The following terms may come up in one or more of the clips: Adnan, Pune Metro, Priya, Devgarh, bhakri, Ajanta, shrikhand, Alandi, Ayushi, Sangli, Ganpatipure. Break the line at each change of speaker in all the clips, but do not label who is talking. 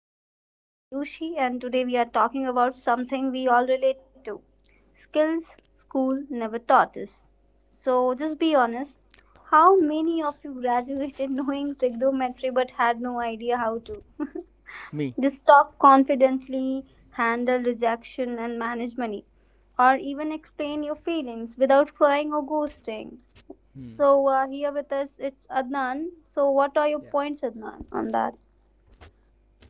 podcast. I'm Ayushi, and today we are talking about something we all relate to: skills school never taught us. So, just be honest, how many of you graduated knowing trigonometry but had no idea how to
Me.
just talk confidently, handle rejection, and manage money, or even explain your feelings without crying or ghosting?
Hmm.
So, here with us it's Adnan. So, what are your
Yeah.
points, Adnan, on that?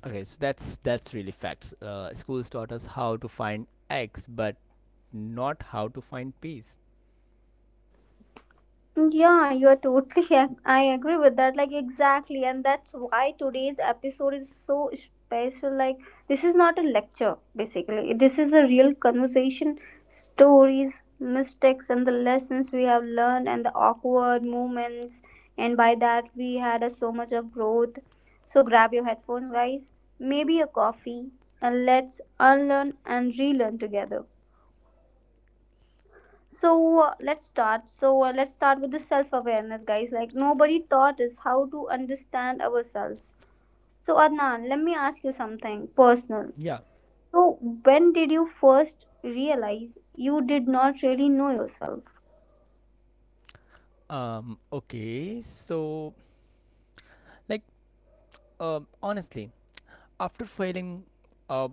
Okay, so that's really facts. Schools taught us how to find X, but not how to find peace.
Yeah, you're totally. I agree with that. Like, exactly. And that's why today's episode is so special. Like, this is not a lecture, basically. This is a real conversation, stories, mistakes, and the lessons we have learned, and the awkward moments. And by that, we had a, so much of growth. So, grab your headphones, guys, maybe a coffee, and let's unlearn and relearn together. So let's start with the self awareness, guys. Like, nobody taught us how to understand ourselves. So, Adnan, let me ask you something personal.
Yeah.
So, when did you first realize you did not really know yourself?
Okay. Like, Honestly, after failing, uh,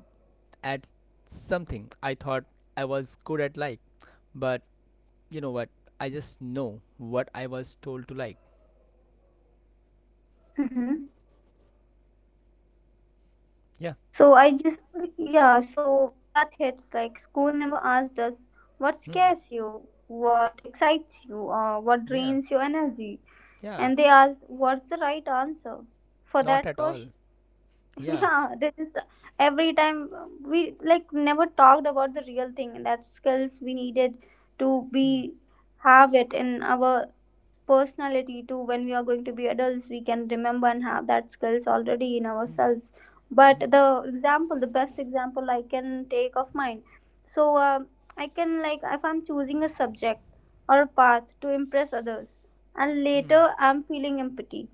at something, I thought I was good at but you know what? I just know what I was told to like.
Mm-hmm.
Yeah.
so I just Yeah, so that hits. Like, school never asked us what
Hmm.
scares you, what excites you, or what
Yeah.
drains your energy,
Yeah.
and they asked what's the right answer for
Not
that
at all.
question.
Yeah.
Yeah, this is every time we, like, never talked about the real thing, that skills we needed to
Hmm.
be, have it in our personality too. When we are going to be adults, we can remember and have that skills already in
Hmm.
ourselves. But
Hmm.
the example, the best example I can take of mine, so I can, like, if I'm choosing a subject or a path to impress others and
Hmm.
later I'm feeling empty.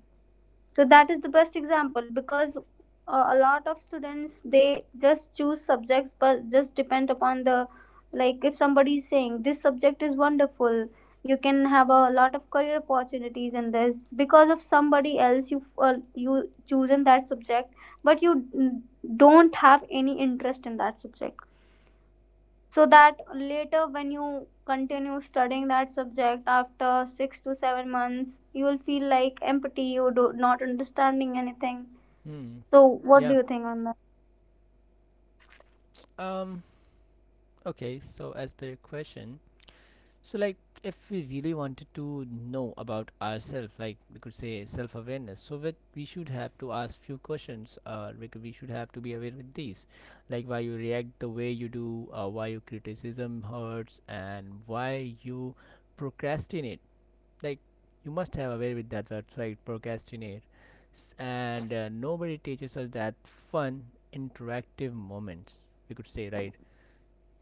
So that is the best example, because a lot of students, they just choose subjects but just depend upon the, like, if somebody is saying this subject is wonderful, you can have a lot of career opportunities in this. Because of somebody else, you you chosen that subject, but you mm, don't have any interest in that subject. So that later, when you continue studying that subject after 6 to 7 months, you will feel like empty, you do not understanding anything.
Hmm.
So, what do
Yeah.
you think on
Um. Okay. So, as per your question, like if we really wanted to know about ourselves, like we could say self-awareness, so that we should have to ask few questions. Like we should have to be aware with these, like why you react the way you do, why your criticism hurts, and why you procrastinate. Like you must have aware with that website procrastinate, and nobody teaches us that fun interactive moments, we could say, right?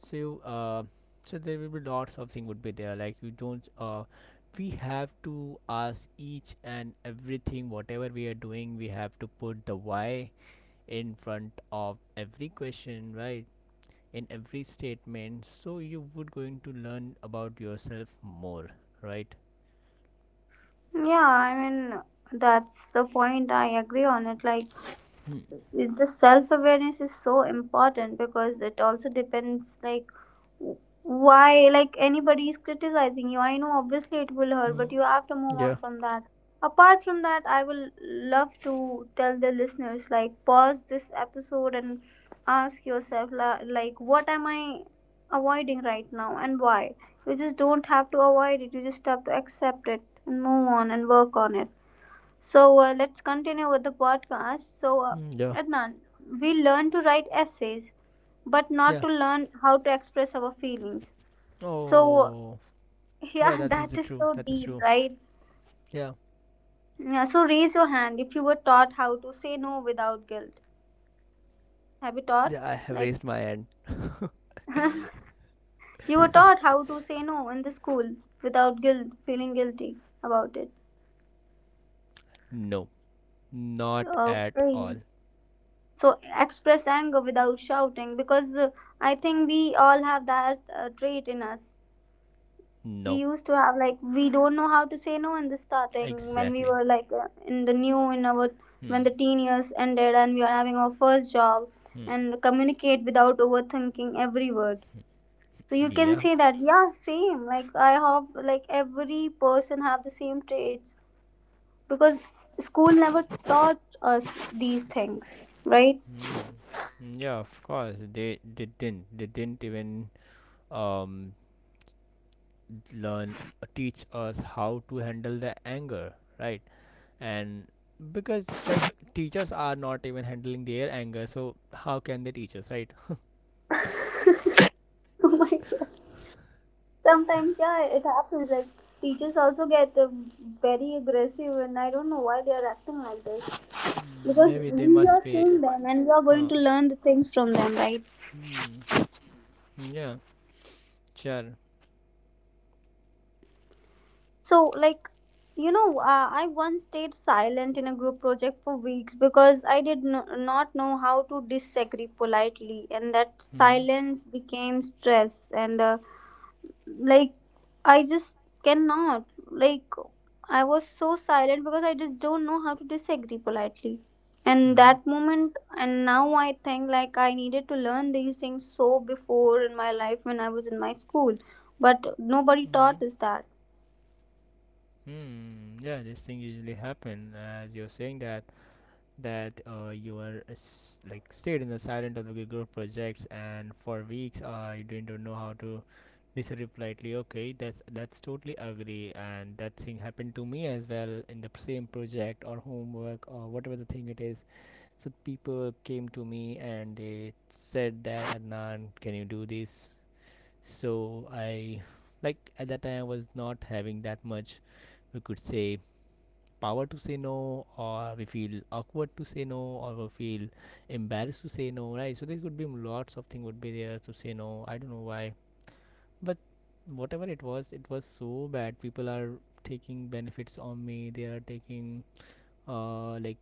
So so there will be lots of thing would be there like you don't we have to ask each and everything. Whatever we are doing, we have to put the why in front of every question, right? In every statement, so you would going to learn about yourself more, right?
that? Yeah, I mean, that's the point. I agree on it. Like, it's just self awareness is so important because it also depends, like, why, like, anybody is criticizing you, I know obviously it will hurt, but
Mm,
you have to move on
yeah.
from that. Apart from that, I will love to tell the listeners, like, pause this episode and ask yourself, like, what am I avoiding right now and why? You just don't have to avoid it. You just have to accept it and move on and work on it. So, let's continue with the podcast. So,
Mm, yeah.
Adnan, we learn to write essays, but not
Yeah.
to learn how to express our feelings. So,
Oh, yeah,
yeah,
that is
that
the
is
true.
so
That is
deep,
true.
right?
Yeah.
Yeah, so raise your hand if you were taught how to say no without guilt. Have you taught?
Yeah, I have
Like,
raised my hand.
you were taught how to say no in the school without guilt, feeling guilty about it.
No, not at all.
Okay, so express anger without shouting, because I think we all have that trait in us. We
No,
used to have, like, we don't know how to say no in the starting when we
exactly.
were like, in the new in our, when
Hmm.
the teen years ended and we are having our first job,
Hmm.
and communicate without overthinking every word. So you can
Yeah.
say that, yeah, same like I have. Like, every person have the same traits, because school never taught us these things, right?
Hmm. Yeah, of course. They didn't. They didn't even um learn teach us how to handle the anger, right? And because like teachers are not even handling their anger, so how can they teach us, right?
Oh my God. Sometimes, yeah, it happens. Like, teachers also get very aggressive, and I don't know why they are acting like this.
Mm,
Because
maybe they
we are
must be.
seeing them, and we are going
Oh.
to learn the things from them, right?
Hmm. Yeah. Sure.
So, like, you know, I once stayed silent in a group project for weeks because I did not know how to disagree politely, and that
Hmm.
silence became stress and. Like, I just cannot, like, I was so silent because I just don't know how to disagree politely, and
Hmm.
that moment. And now I think, like, I needed to learn these things so before in my life, when I was in my school, but nobody
Hmm.
taught us that.
Hmm. Yeah. This thing usually happen as you're saying that. That you were like stayed in the silent of the group projects, and for weeks you didn't know how to disagree politely. Okay, that's totally agree. And that thing happened to me as well in the same project or homework or whatever the thing it is. So people came to me and they said that, Adnan, can you do this? So I, like, at that time I was not having that much, we could say, power to say no, or we feel awkward to say no, or we feel embarrassed to say no, right? So there could be lots of things would be there to say no. I don't know why, but whatever it was, it was so bad. People are taking benefits on me. They are taking, like,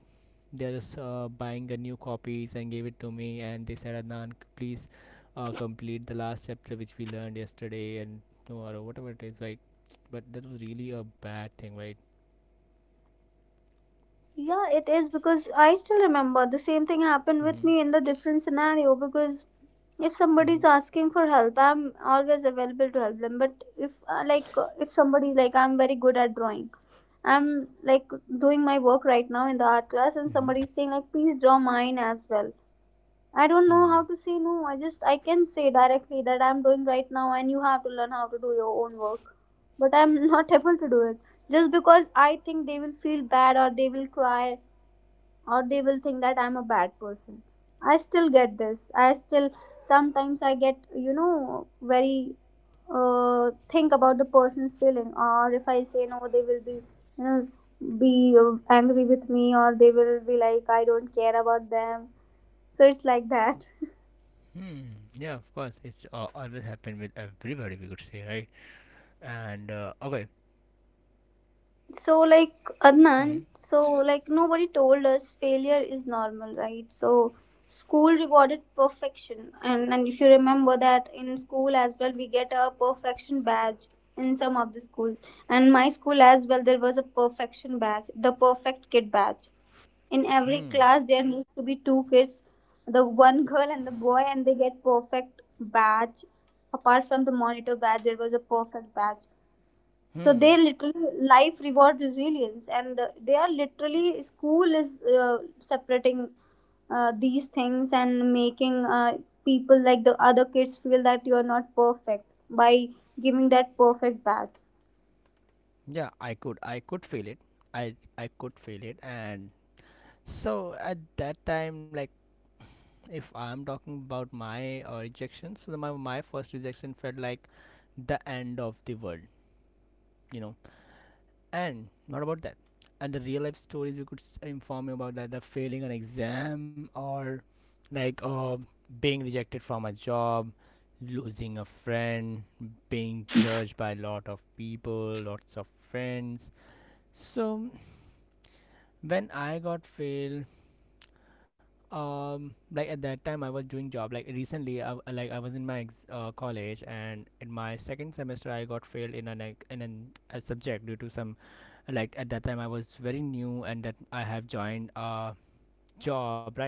they're just buying a new copies and gave it to me, and they said, Adnan, please, complete the last chapter which we learned yesterday and tomorrow, whatever it is, right? But that was really a bad thing, right?
Yeah, it is, because I still remember the same thing happened with
Mm-hmm.
me in the different scenario. Because if somebody
Mm-hmm.
is asking for help, I'm always available to help them. But if like if somebody, like, I'm very good at drawing, I'm, like, doing my work right now in the art class, and
Mm-hmm.
somebody's saying, like, please draw mine as well. I don't know
Hmm.
how to say no. I can say directly that I'm doing right now, and you have to learn how to do your own work. But I'm not able to do it, just because I think they will feel bad, or they will cry, or they will think that I'm a bad person. I still get this. I still Sometimes I get, you know, very think about the person's feeling, or if I say no, they will be, you know, be angry with me, or they will be like I don't care about them. So it's like that.
Hmm. Yeah, of course. It's always happened with everybody, we could say, right? And okay.
So, like, Adnan,
Hmm.
so, like, nobody told us failure is normal, right? So, school rewarded perfection, and if you remember that in school as well, we get a perfection badge in some of the schools, and my school as well, there was a perfection badge, the perfect kid badge. In every
Hmm.
class, there needs to be two kids, the one girl and the boy, and they get perfect badge. Apart from the monitor badge, there was a perfect badge. So they
Hmm.
literally life reward resilience, and they are literally school is separating these things and making people, like the other kids, feel that you are not perfect by giving that perfect badge.
Yeah, I could. I could feel it. I could feel it. And so at that time, like, if I'm talking about my rejection, so my first rejection felt like the end of the world. You know, and not about that. And the real life stories, we could inform you about, like the failing an exam, or like uh, being rejected from a job, losing a friend, being judged by a lot of people, lots of friends. So when I got failed, like at that time I was doing job. Like recently I like I was in my college, and in my second semester I got failed in an, a subject due to some, like, at that time I was very new and that I have joined a job, right?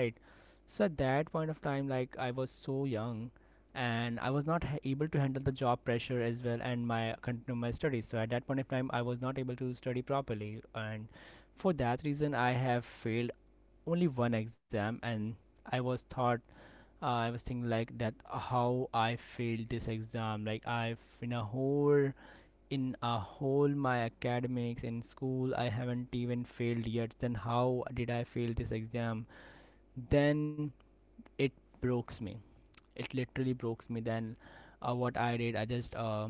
So at that point of time, like, I was so young, and I was not able to handle the job pressure as well and my continue my studies. So at that point of time, I was not able to study properly, and for that reason I have failed only one exam. And I was thought, I was thinking like that, how I failed this exam. Like I've, in a whole my academics in school, I haven't even failed yet. Then how did I fail this exam? Then it broke me. It literally broke me. Then what I did, I just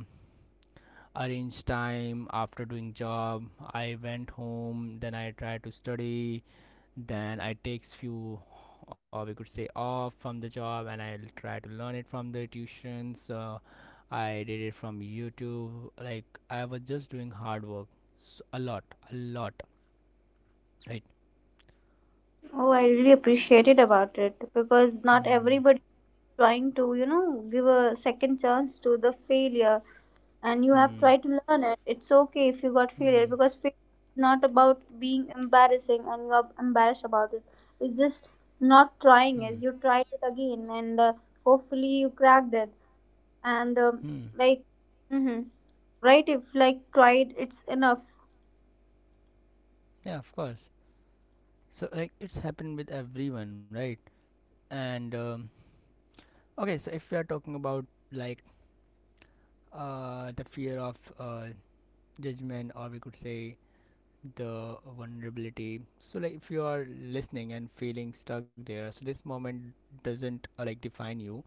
arranged time after doing job. I went home, then I tried to study. Then I takes few, or we could say off from the job, and I'll try to learn it from the tuitions. I did it from YouTube. Like, I was just doing hard work, so a lot, a lot, right?
Oh, I really appreciated about it, because not
Hmm.
everybody trying to, you know, give a second chance to the failure. And you have
Hmm.
tried to learn it. It's okay if you got failure,
Hmm.
because failure is not about being embarrassing and you are embarrassed about it. It's just not
Hmm.
trying it. You tried it again, and hopefully you cracked it. And
Hmm.
like, hmm, right, if, like, tried, it's enough.
Yeah, of course. So like it's happened with everyone, right? And okay, so if we are talking about, like, the fear of judgment, or we could say the vulnerability. So like if you are listening and feeling stuck there, so this moment doesn't like define you,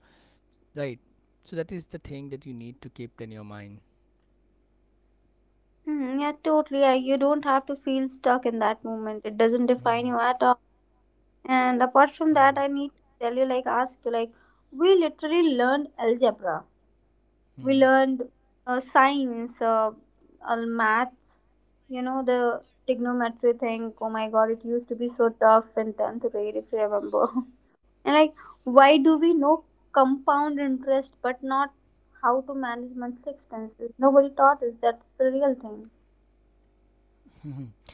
right? So that is the thing that you need to keep in your mind.
Mhm, yeah, totally, yeah, you don't have to feel stuck in that moment. It doesn't
Mm.
define you at all. And apart from that, I need to tell you, like, ask you, like, we literally learned algebra, we
Mm.
learned science, all maths, you know, the trigonometry thing. Oh my god, it used to be so tough in 10th grade, if you remember. And, like, why do we know compound interest but not how to manage monthly expenses? Nobody taught us. That's the real thing.
Mm.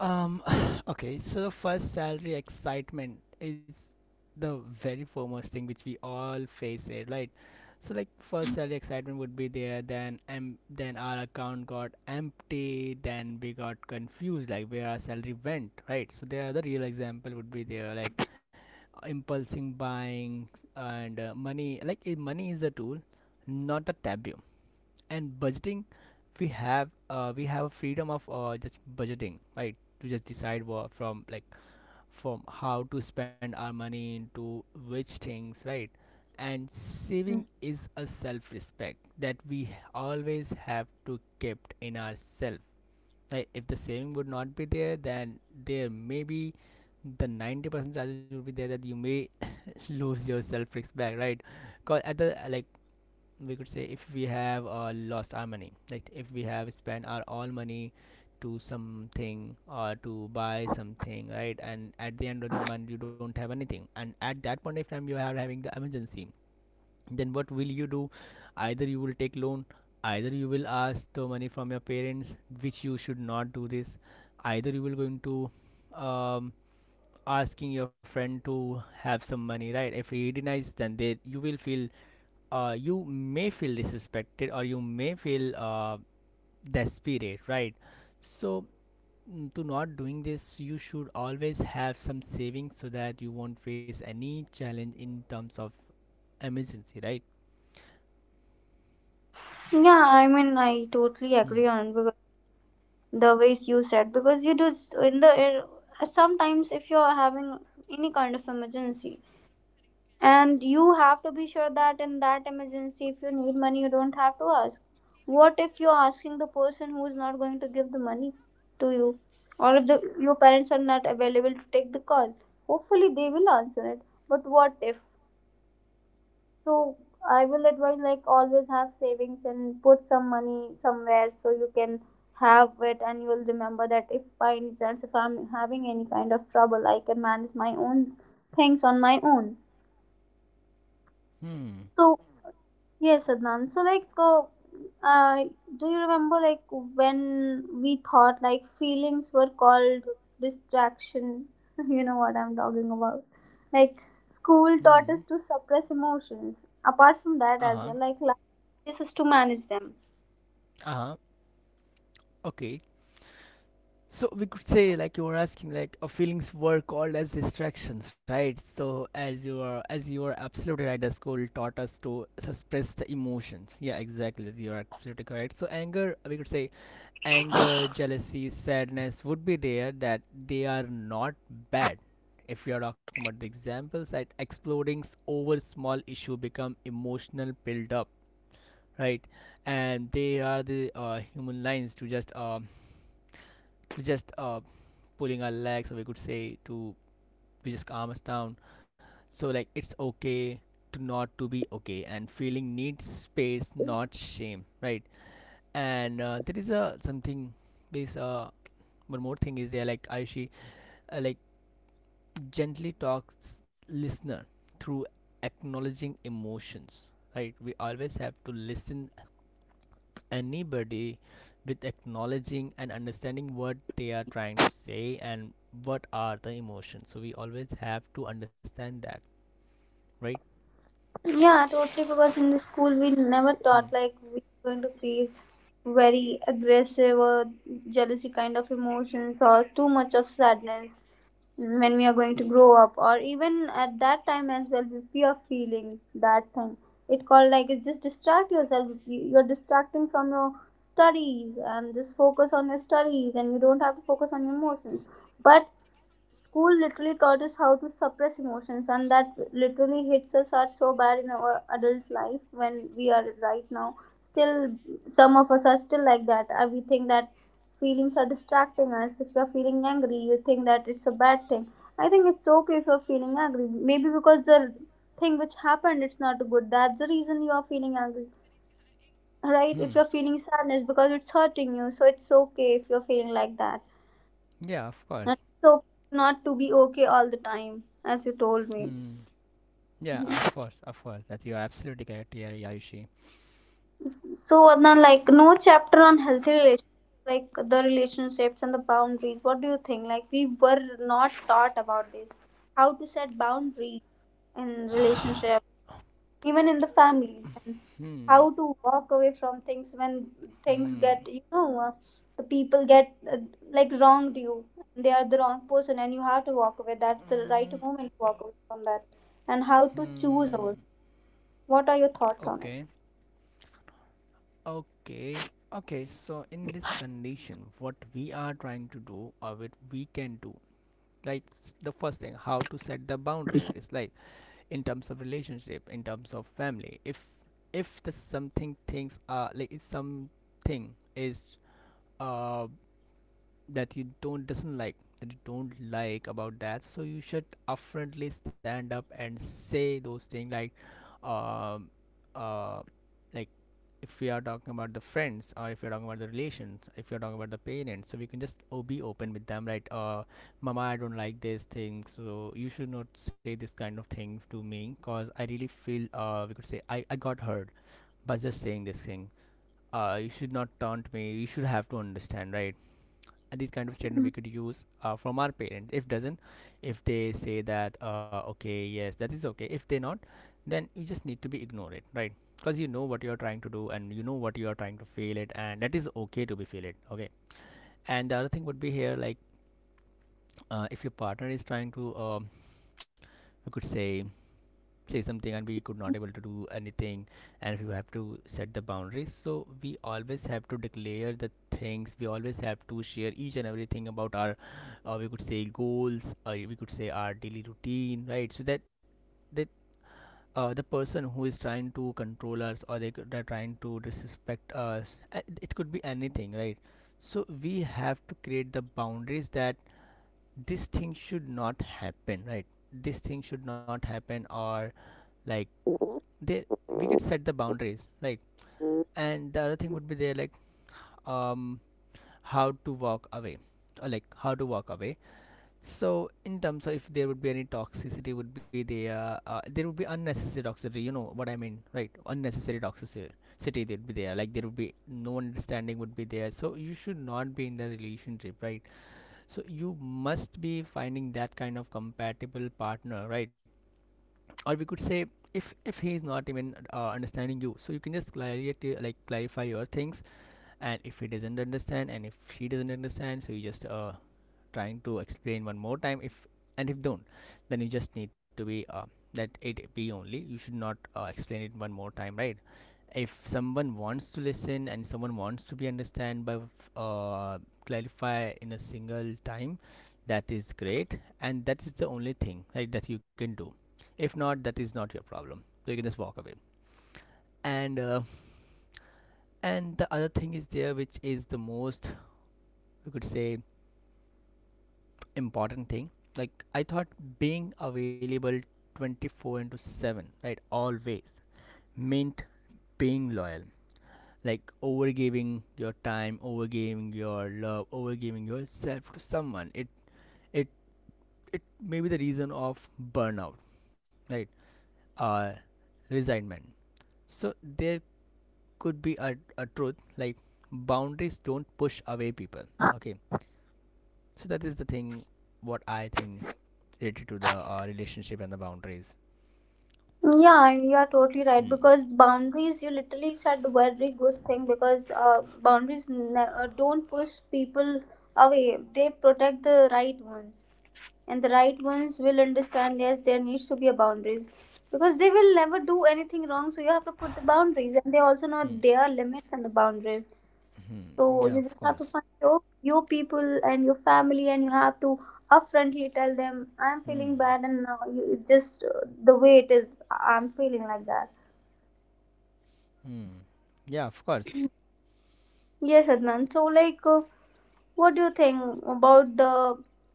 Um, okay, so first salary excitement is the very foremost thing which we all face it, right? So like first salary excitement would be there, then our account got empty, then we got confused like where our salary went, right? So there are the real example would be there, like, impulsing buying and money. Like money is a tool, not a taboo. And budgeting, we have a freedom of just budgeting, right, to just decide what from, like, from how to spend our money into which things, right? And saving
Mm.
is a self respect that we always have to keep in ourselves, right? If the saving would not be there, then there may be the 90% chances would be there that you may lose your self respect, right? Because at the, like, we could say if we have lost our money, like if we have spent our all money to something or to buy something, right, and at the end of the month you don't have anything, and at that point of time you are having the emergency, then what will you do? Either you will take loan, either you will ask the money from your parents, which you should not do this, either you will going to um, asking your friend to have some money, right? If he denies, then they you will feel, you may feel disrespected, or you may feel desperate, right? So, mm, to not doing this, you should always have some savings, so that you won't face any challenge in terms of emergency, right?
Yeah, I mean, I totally
Hmm.
agree on it, because the ways you said, because you do in the sometimes, if you're having any kind of emergency, and you have to be sure that in that emergency, if you need money, you don't have to ask. What if you're asking the person who is not going to give the money to you, or if your parents are not available to take the call? Hopefully they will answer it, but what if? So, I will advise, like, always have savings and put some money somewhere, so you can have it, and you will remember that if by any chance, if I'm having any kind of trouble, I can manage my own things on my own.
Hmm.
So, yes, Adnan. So, like, uh, do you remember, like, when we thought, like, feelings were called distraction? You know what I'm talking about. Like, school
Hmm.
taught us to suppress emotions. Apart from
Uh
that, as
huh.
well, like, life teaches us to manage them.
Uh huh. Okay. So we could say, like you were asking, like, feelings were called as distractions, right? So as you are absolutely right, the school taught us to suppress the emotions. Yeah, exactly. You are absolutely correct. So anger, we could say, anger, jealousy, sadness would be there. That they are not bad. If we are talking about the examples, that exploding over small issue become emotional build up, right? And they are the human lines to just to just uh, pulling our legs, or we could say to we just calm us down. So like it's okay to not to be okay, and feeling needs space, not shame, right? And there is a something, there's one more thing is there, like, Ayushi, like, gently talks listener through acknowledging emotions, right? We always have to listen anybody with acknowledging and understanding what they are trying to say and what are the emotions, so we always have to understand that, right?
Yeah, totally. Because in the school, we never
Hmm.
taught, like, we are going to feel very aggressive, or jealousy kind of emotions, or too much of sadness when we are going to grow up, or even at that time as well, if we are feeling that thing, it called like, it's just distract yourself. If you're distracting from your studies, and just focus on your studies, and you don't have to focus on your emotions. But school literally taught us how to suppress emotions, and that literally hits us hard so bad in our adult life when we are right now. Still, some of us are still like that. We think that feelings are distracting us. If you're feeling angry, you think that it's a bad thing. I think it's okay if you're feeling angry. Maybe because the thing which happened, it's not good. That's the reason you are feeling angry, right?
Hmm.
If you're feeling sadness because it's hurting you, so it's okay if you're feeling like that.
Yeah, of
And
course.
it's okay not to be okay all the time, as you told me.
Hmm. Yeah, of course, of course. That you are absolutely correct here, Yayushi.
So, Adnan, like, no chapter on healthy relationships, like the relationships and the boundaries. What do you think? Like, we were not taught about this. How to set boundaries in relationship, even in the families, and how to walk away from things when things
Hmm.
get, the people get like, wronged you, and they are the wrong person and you have to walk away. That's the right
Mm.
moment to walk away from that, and how to
Hmm.
choose over, what are your thoughts on it?
Okay. Okay. Okay. So in this condition, what we are trying to do or what we can do, like, the first thing, how to set the boundaries. Like in terms of relationship, in terms of family, if the something things are like if something is uh that you don't doesn't like, that you don't like about that, so you should upfrontly stand up and say those things, um uh like if we are talking about the friends, or if you're talking about the relations, if you're talking about the parents, so we can just oh, be open with them, right? Mama, I don't like this thing, so you should not say this kind of things to me because I really feel, we could say, I got hurt by just saying this thing. You should not taunt me, you should have to understand, right? This kind of statement we
Mhm.
could use from our parents. If doesn't, if they say that okay, yes, that is okay. If they not, then you just need to be ignore it, right? Because you know what you are trying to do, and you know what you are trying to fail it, and that is okay to be feel it, okay. And the other thing would be here, like if your partner is trying to you could say, say something and we could not able to do anything, and we have to set the boundaries. So we always have to declare the things, we always have to share each and everything about our, we could say, goals, or we could say our daily routine, right? So that, that, the person who is trying to control us, or they're trying to disrespect us, it could be anything, right? So we have to create the boundaries that this thing should not happen, right? This thing should not happen, or like, they, we could set the boundaries like. And the other thing would be there, like um how to walk away, or like how to walk away. So in terms of, if there would be any toxicity would be there, there would be unnecessary toxicity, you know what I mean, right? Unnecessary toxicity city that would be there, like there would be no understanding would be there, so you should not be in the relationship, right? So you must be finding that kind of compatible partner, right? Or we could say, if he is not even understanding you, so you can just clarify, like clarify your things. And if he doesn't understand, and if she doesn't understand, so you just trying to explain one more time. If, and if don't, then you just need to be that 8p only, you should not explain it one more time, right? If someone wants to listen and someone wants to be understand by, uh, clarify in a single time, that is great, and that is the only thing, right, that you can do. If not, that is not your problem, so you can just walk away. And and the other thing is there, which is the most, you could say, important thing, like I thought being available 24/7, right, always meant being loyal, like overgiving your time, overgiving your love, overgiving yourself to someone. It it it may be the reason of burnout, right? uh Resignment. So there could be a truth, like boundaries don't push away people, okay. So that is the thing what I think, related to the relationship and the boundaries.
Yeah, and you are totally right,
Hmm.
because boundaries, you literally said a very good thing, because boundaries don't push people away. They protect the right ones. And the right ones will understand, yes, there needs to be a boundaries, because they will never do anything wrong, so you have to put the boundaries, and they also know
Hmm.
their limits and the boundaries. So
Hmm. Yeah,
you
of
just have to
course.
find your people and your family, and you have to upfrontly tell them, I'm feeling
Hmm.
bad, and now you, it's just the way it is. I'm feeling like that.
Hmm. Yeah, of course.
Yes, Adnan. So, like, what do you think about the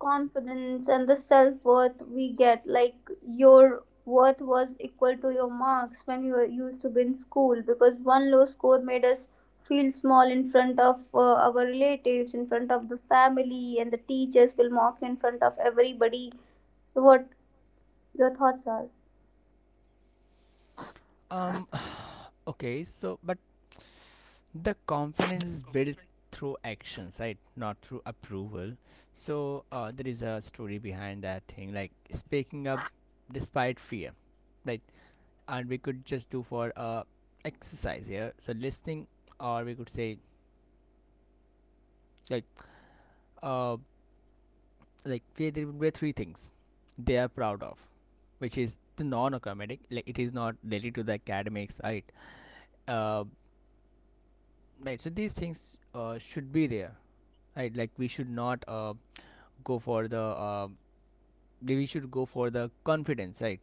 confidence and the self worth we get? Like, your worth was equal to your marks when you were used to be in school, because one low score made us feel small in front of our relatives, in front of the family, and the teachers will mock you in front of everybody. So, what your thoughts are?
Um. Okay. So, but the confidence is built through actions, right? Not through approval. So, there is a story behind that thing, like speaking up despite fear, right? And we could just do for exercise here. So listening, or we could say, like uh like where there would be three things they are proud of, which is the non-academic. Like it is not related to the academic side. Uh, right. So these things should be there. Right. Like we should not go for the we should go for the confidence. Right.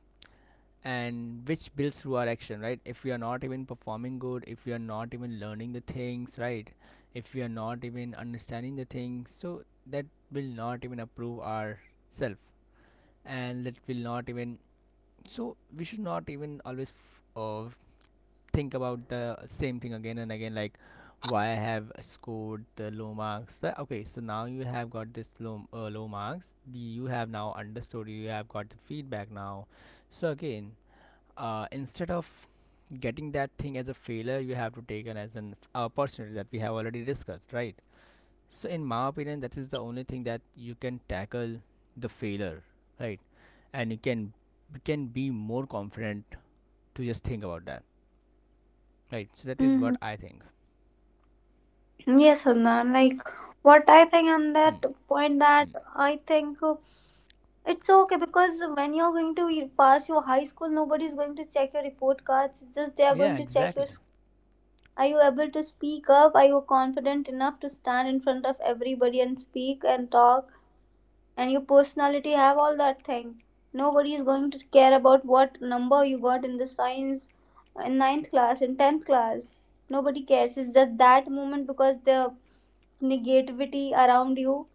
And which builds through our action. Right. If we are not even performing good, if we are not even learning the things. Right. If we are not even understanding the things, so that will not even approve our self, and that will not even, so we should not even always think about the same thing again and again, like why I have scored the low marks. Okay, so now you have got this low, low marks, the, you have now understood, you have got the feedback now. So again, instead of getting that thing as a failure, you have to take it as an opportunity, that we have already discussed, right? So in my opinion, that is the only thing that you can tackle the failure, right? And you can, you can be more confident to just think about that, right? So that is
Mm-hmm.
what I think.
Yes, Adnan. Like, what I think on that
Hmm.
point, that
Hmm.
I think it's okay, because when you're going to pass your high school, nobody's going to check your report cards. It's just, they are going
Yeah,
to check your
exactly.
are you able to speak up? Are you confident enough to stand in front of everybody and speak and talk? And your personality have all that thing. Nobody is going to care about what number you got in the science in ninth class, in tenth class. Nobody cares. It's just that moment because the negativity around you,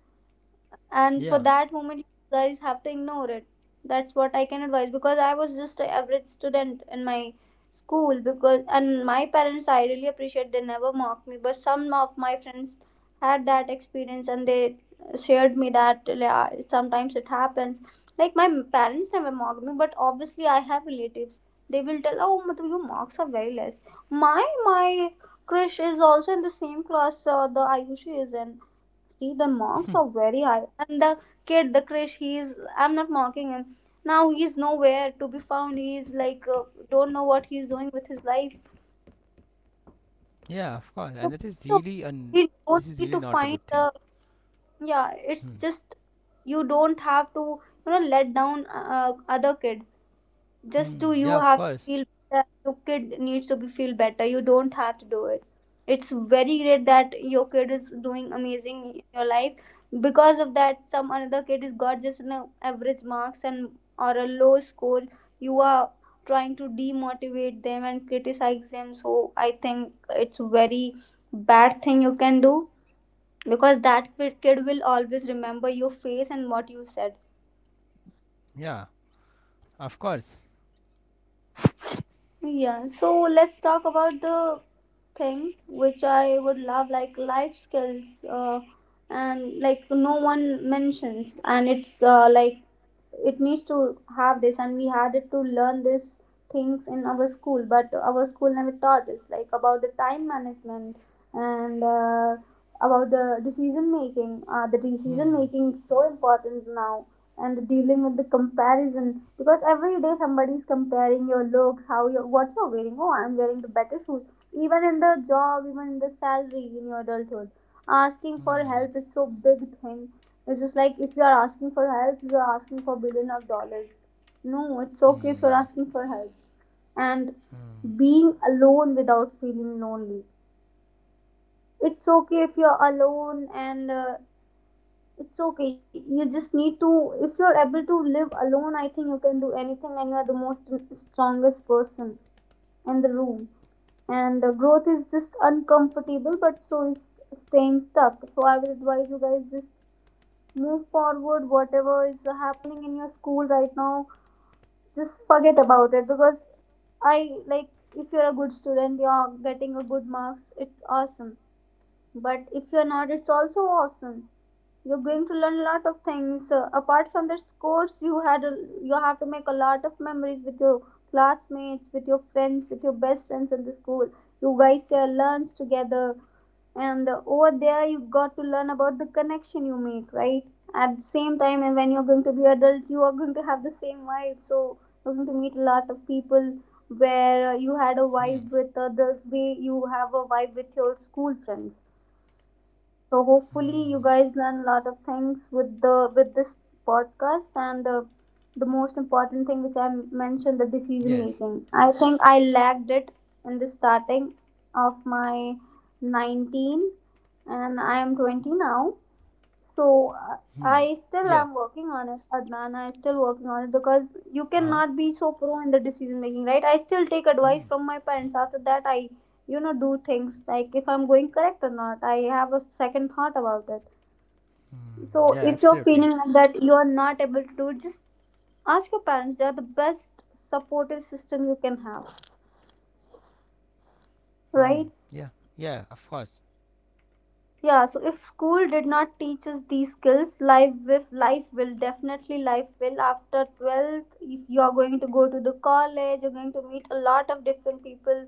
and for
Yeah.
that moment you guys have to ignore it. That's what I can advise, because I was just an average student in my school, because, and my parents, I really appreciate, they never mocked me. But some of my friends had that experience, and they shared me that, yeah, sometimes it happens. Like, my parents never mocked me, but obviously I have relatives, they will tell, oh, Madhu, your marks are very less, my Krish is also in the same class, the Ayushi is in, see, the marks are very high. And the kid, the Krish, he is, I'm not mocking him. Now he is nowhere to be found. He is like, don't know what he is doing with his life.
Yeah, of course.
So,
And that is
so
really an,
we don't
this is
need
really
to
not a
find
good thing.
the, yeah, it's
Hmm.
just, you don't have to, let down other kids. Just
Hmm.
to, you
Yeah, of
have to
course.
feel better. Your kid needs to be feel better. You don't have to do it. It's very great that your kid is doing amazing in your life. Because of that, some another kid is got just an average marks, and or a low score. You are trying to demotivate them and criticize them. So I think it's very bad thing you can do, because that kid will always remember your face and what you said.
Yeah, of course.
Yeah, so let's talk about the thing which I would love, like life skills, uh, and like, no one mentions, and it's like, it needs to have this and we had it to learn these things in our school. But our school never taught us like about the time management and about the decision making. The decision
Hmm.
making is so important now, and dealing with the comparison, because every day somebody is comparing your looks, how you, what you're wearing, oh, I'm wearing the better shoes, even in the job, even in the salary, in your adulthood. Asking for
Hmm.
help is so big thing. It's just like, if you are asking for help, you are asking for billion of dollars. No, it's okay if you're
Hmm.
asking for help. And
Hmm.
being alone without feeling lonely. It's okay if you're alone, and it's okay. You just need to, if you're able to live alone, I think you can do anything, and you are the most strongest person in the room. And growth is just uncomfortable, but so is staying stuck. So I would advise you guys, just move forward, whatever is happening in your school right now, just forget about it, because I like, if you're a good student, you're getting a good marks, it's awesome. But if you're not, it's also awesome. You're going to learn a lot of things apart from the scores. You have to make a lot of memories with your classmates, with your friends, with your best friends in the school. You guys share lunch together, and over there you got to learn about the connection you make, right? At the same time, and when you're going to be adult, you are going to have the same vibe. So you're going to meet a lot of people where you had a
Hmm.
vibe with, the way you have a vibe with your school friends. So hopefully
Hmm.
you guys learn a lot of things with the with this podcast. And the most important thing which I mentioned, the decision
Yes.
making. I think I lacked it in the starting of my 19, and I am 20 now. So
Hmm.
I still
Yeah.
am working on it, Adnan. I still working on it, because you
Uh-huh.
cannot be so pro in the decision making, right? I still take advice from my parents. After that, I do things like, if I'm going correct or not. I have a second thought about it. So
Yeah,
if you're feeling
absolutely.
like that, you are not able to do it, just ask your parents. They are the best supportive system you can have,
Hmm.
right?
Yeah. Yeah, of course.
Yeah, so if school did not teach us these skills, life with life will definitely, life will after 12th. If you are going to go to the college, you're going to meet a lot of different people,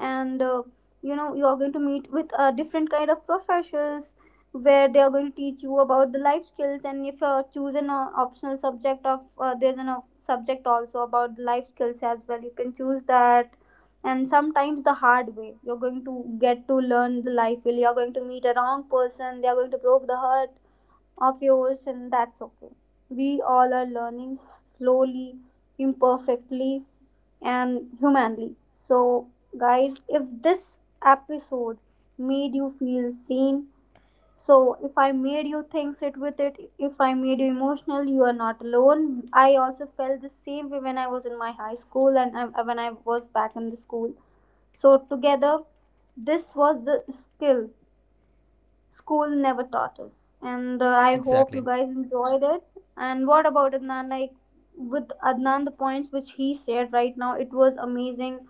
and you are going to meet with different kind of professors, where they are going to teach you about the life skills. And if you are choose an optional subject of there's an subject also about the life skills as well, you can choose that. And sometimes the hard way you're going to get to learn the life will, you're going to meet a wrong person, they are going to broke the heart of yours, and that's okay. We all are learning, slowly, imperfectly, and humanly. So guys, if this episode made you feel seen, so if I made you think, sit with it. If I made you emotional, you are not alone. I also felt the same way when I was in my high school, and when I was back in the school. So together, this was the skill school never taught us, and I hope you
Exactly.
guys enjoyed it. And what about Adnan? Like, with Adnan, the points which he shared right now, it was amazing.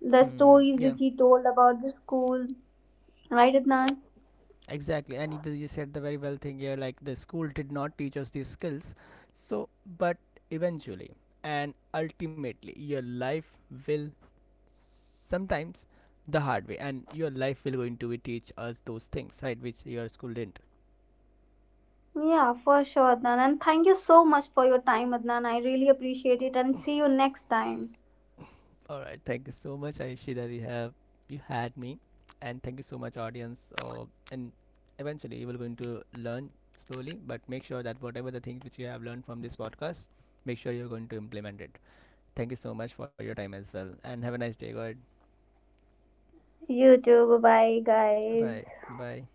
The
Hmm.
stories
Yeah.
which he told about the school, right, Adnan?
Exactly, and either you said the very well thing here, like the school did not teach us these skills. So, but eventually and ultimately, your life will, sometimes the hard way, and your life will going to be teach us those things, right? Which your school didn't.
Yeah, for sure, Adnan. And thank you so much for your time, Adnan. I really appreciate it. And see you next time.
All right, thank you so much, Aishi, that you have, you had me, and thank you so much, audience. And eventually, you will going to learn slowly, but make sure that whatever the things which you have learned from this podcast, make sure you're going to implement it. Thank you so much for your time as well. And have a nice day. Good.
You too. Bye bye, guys.
Bye. Bye bye.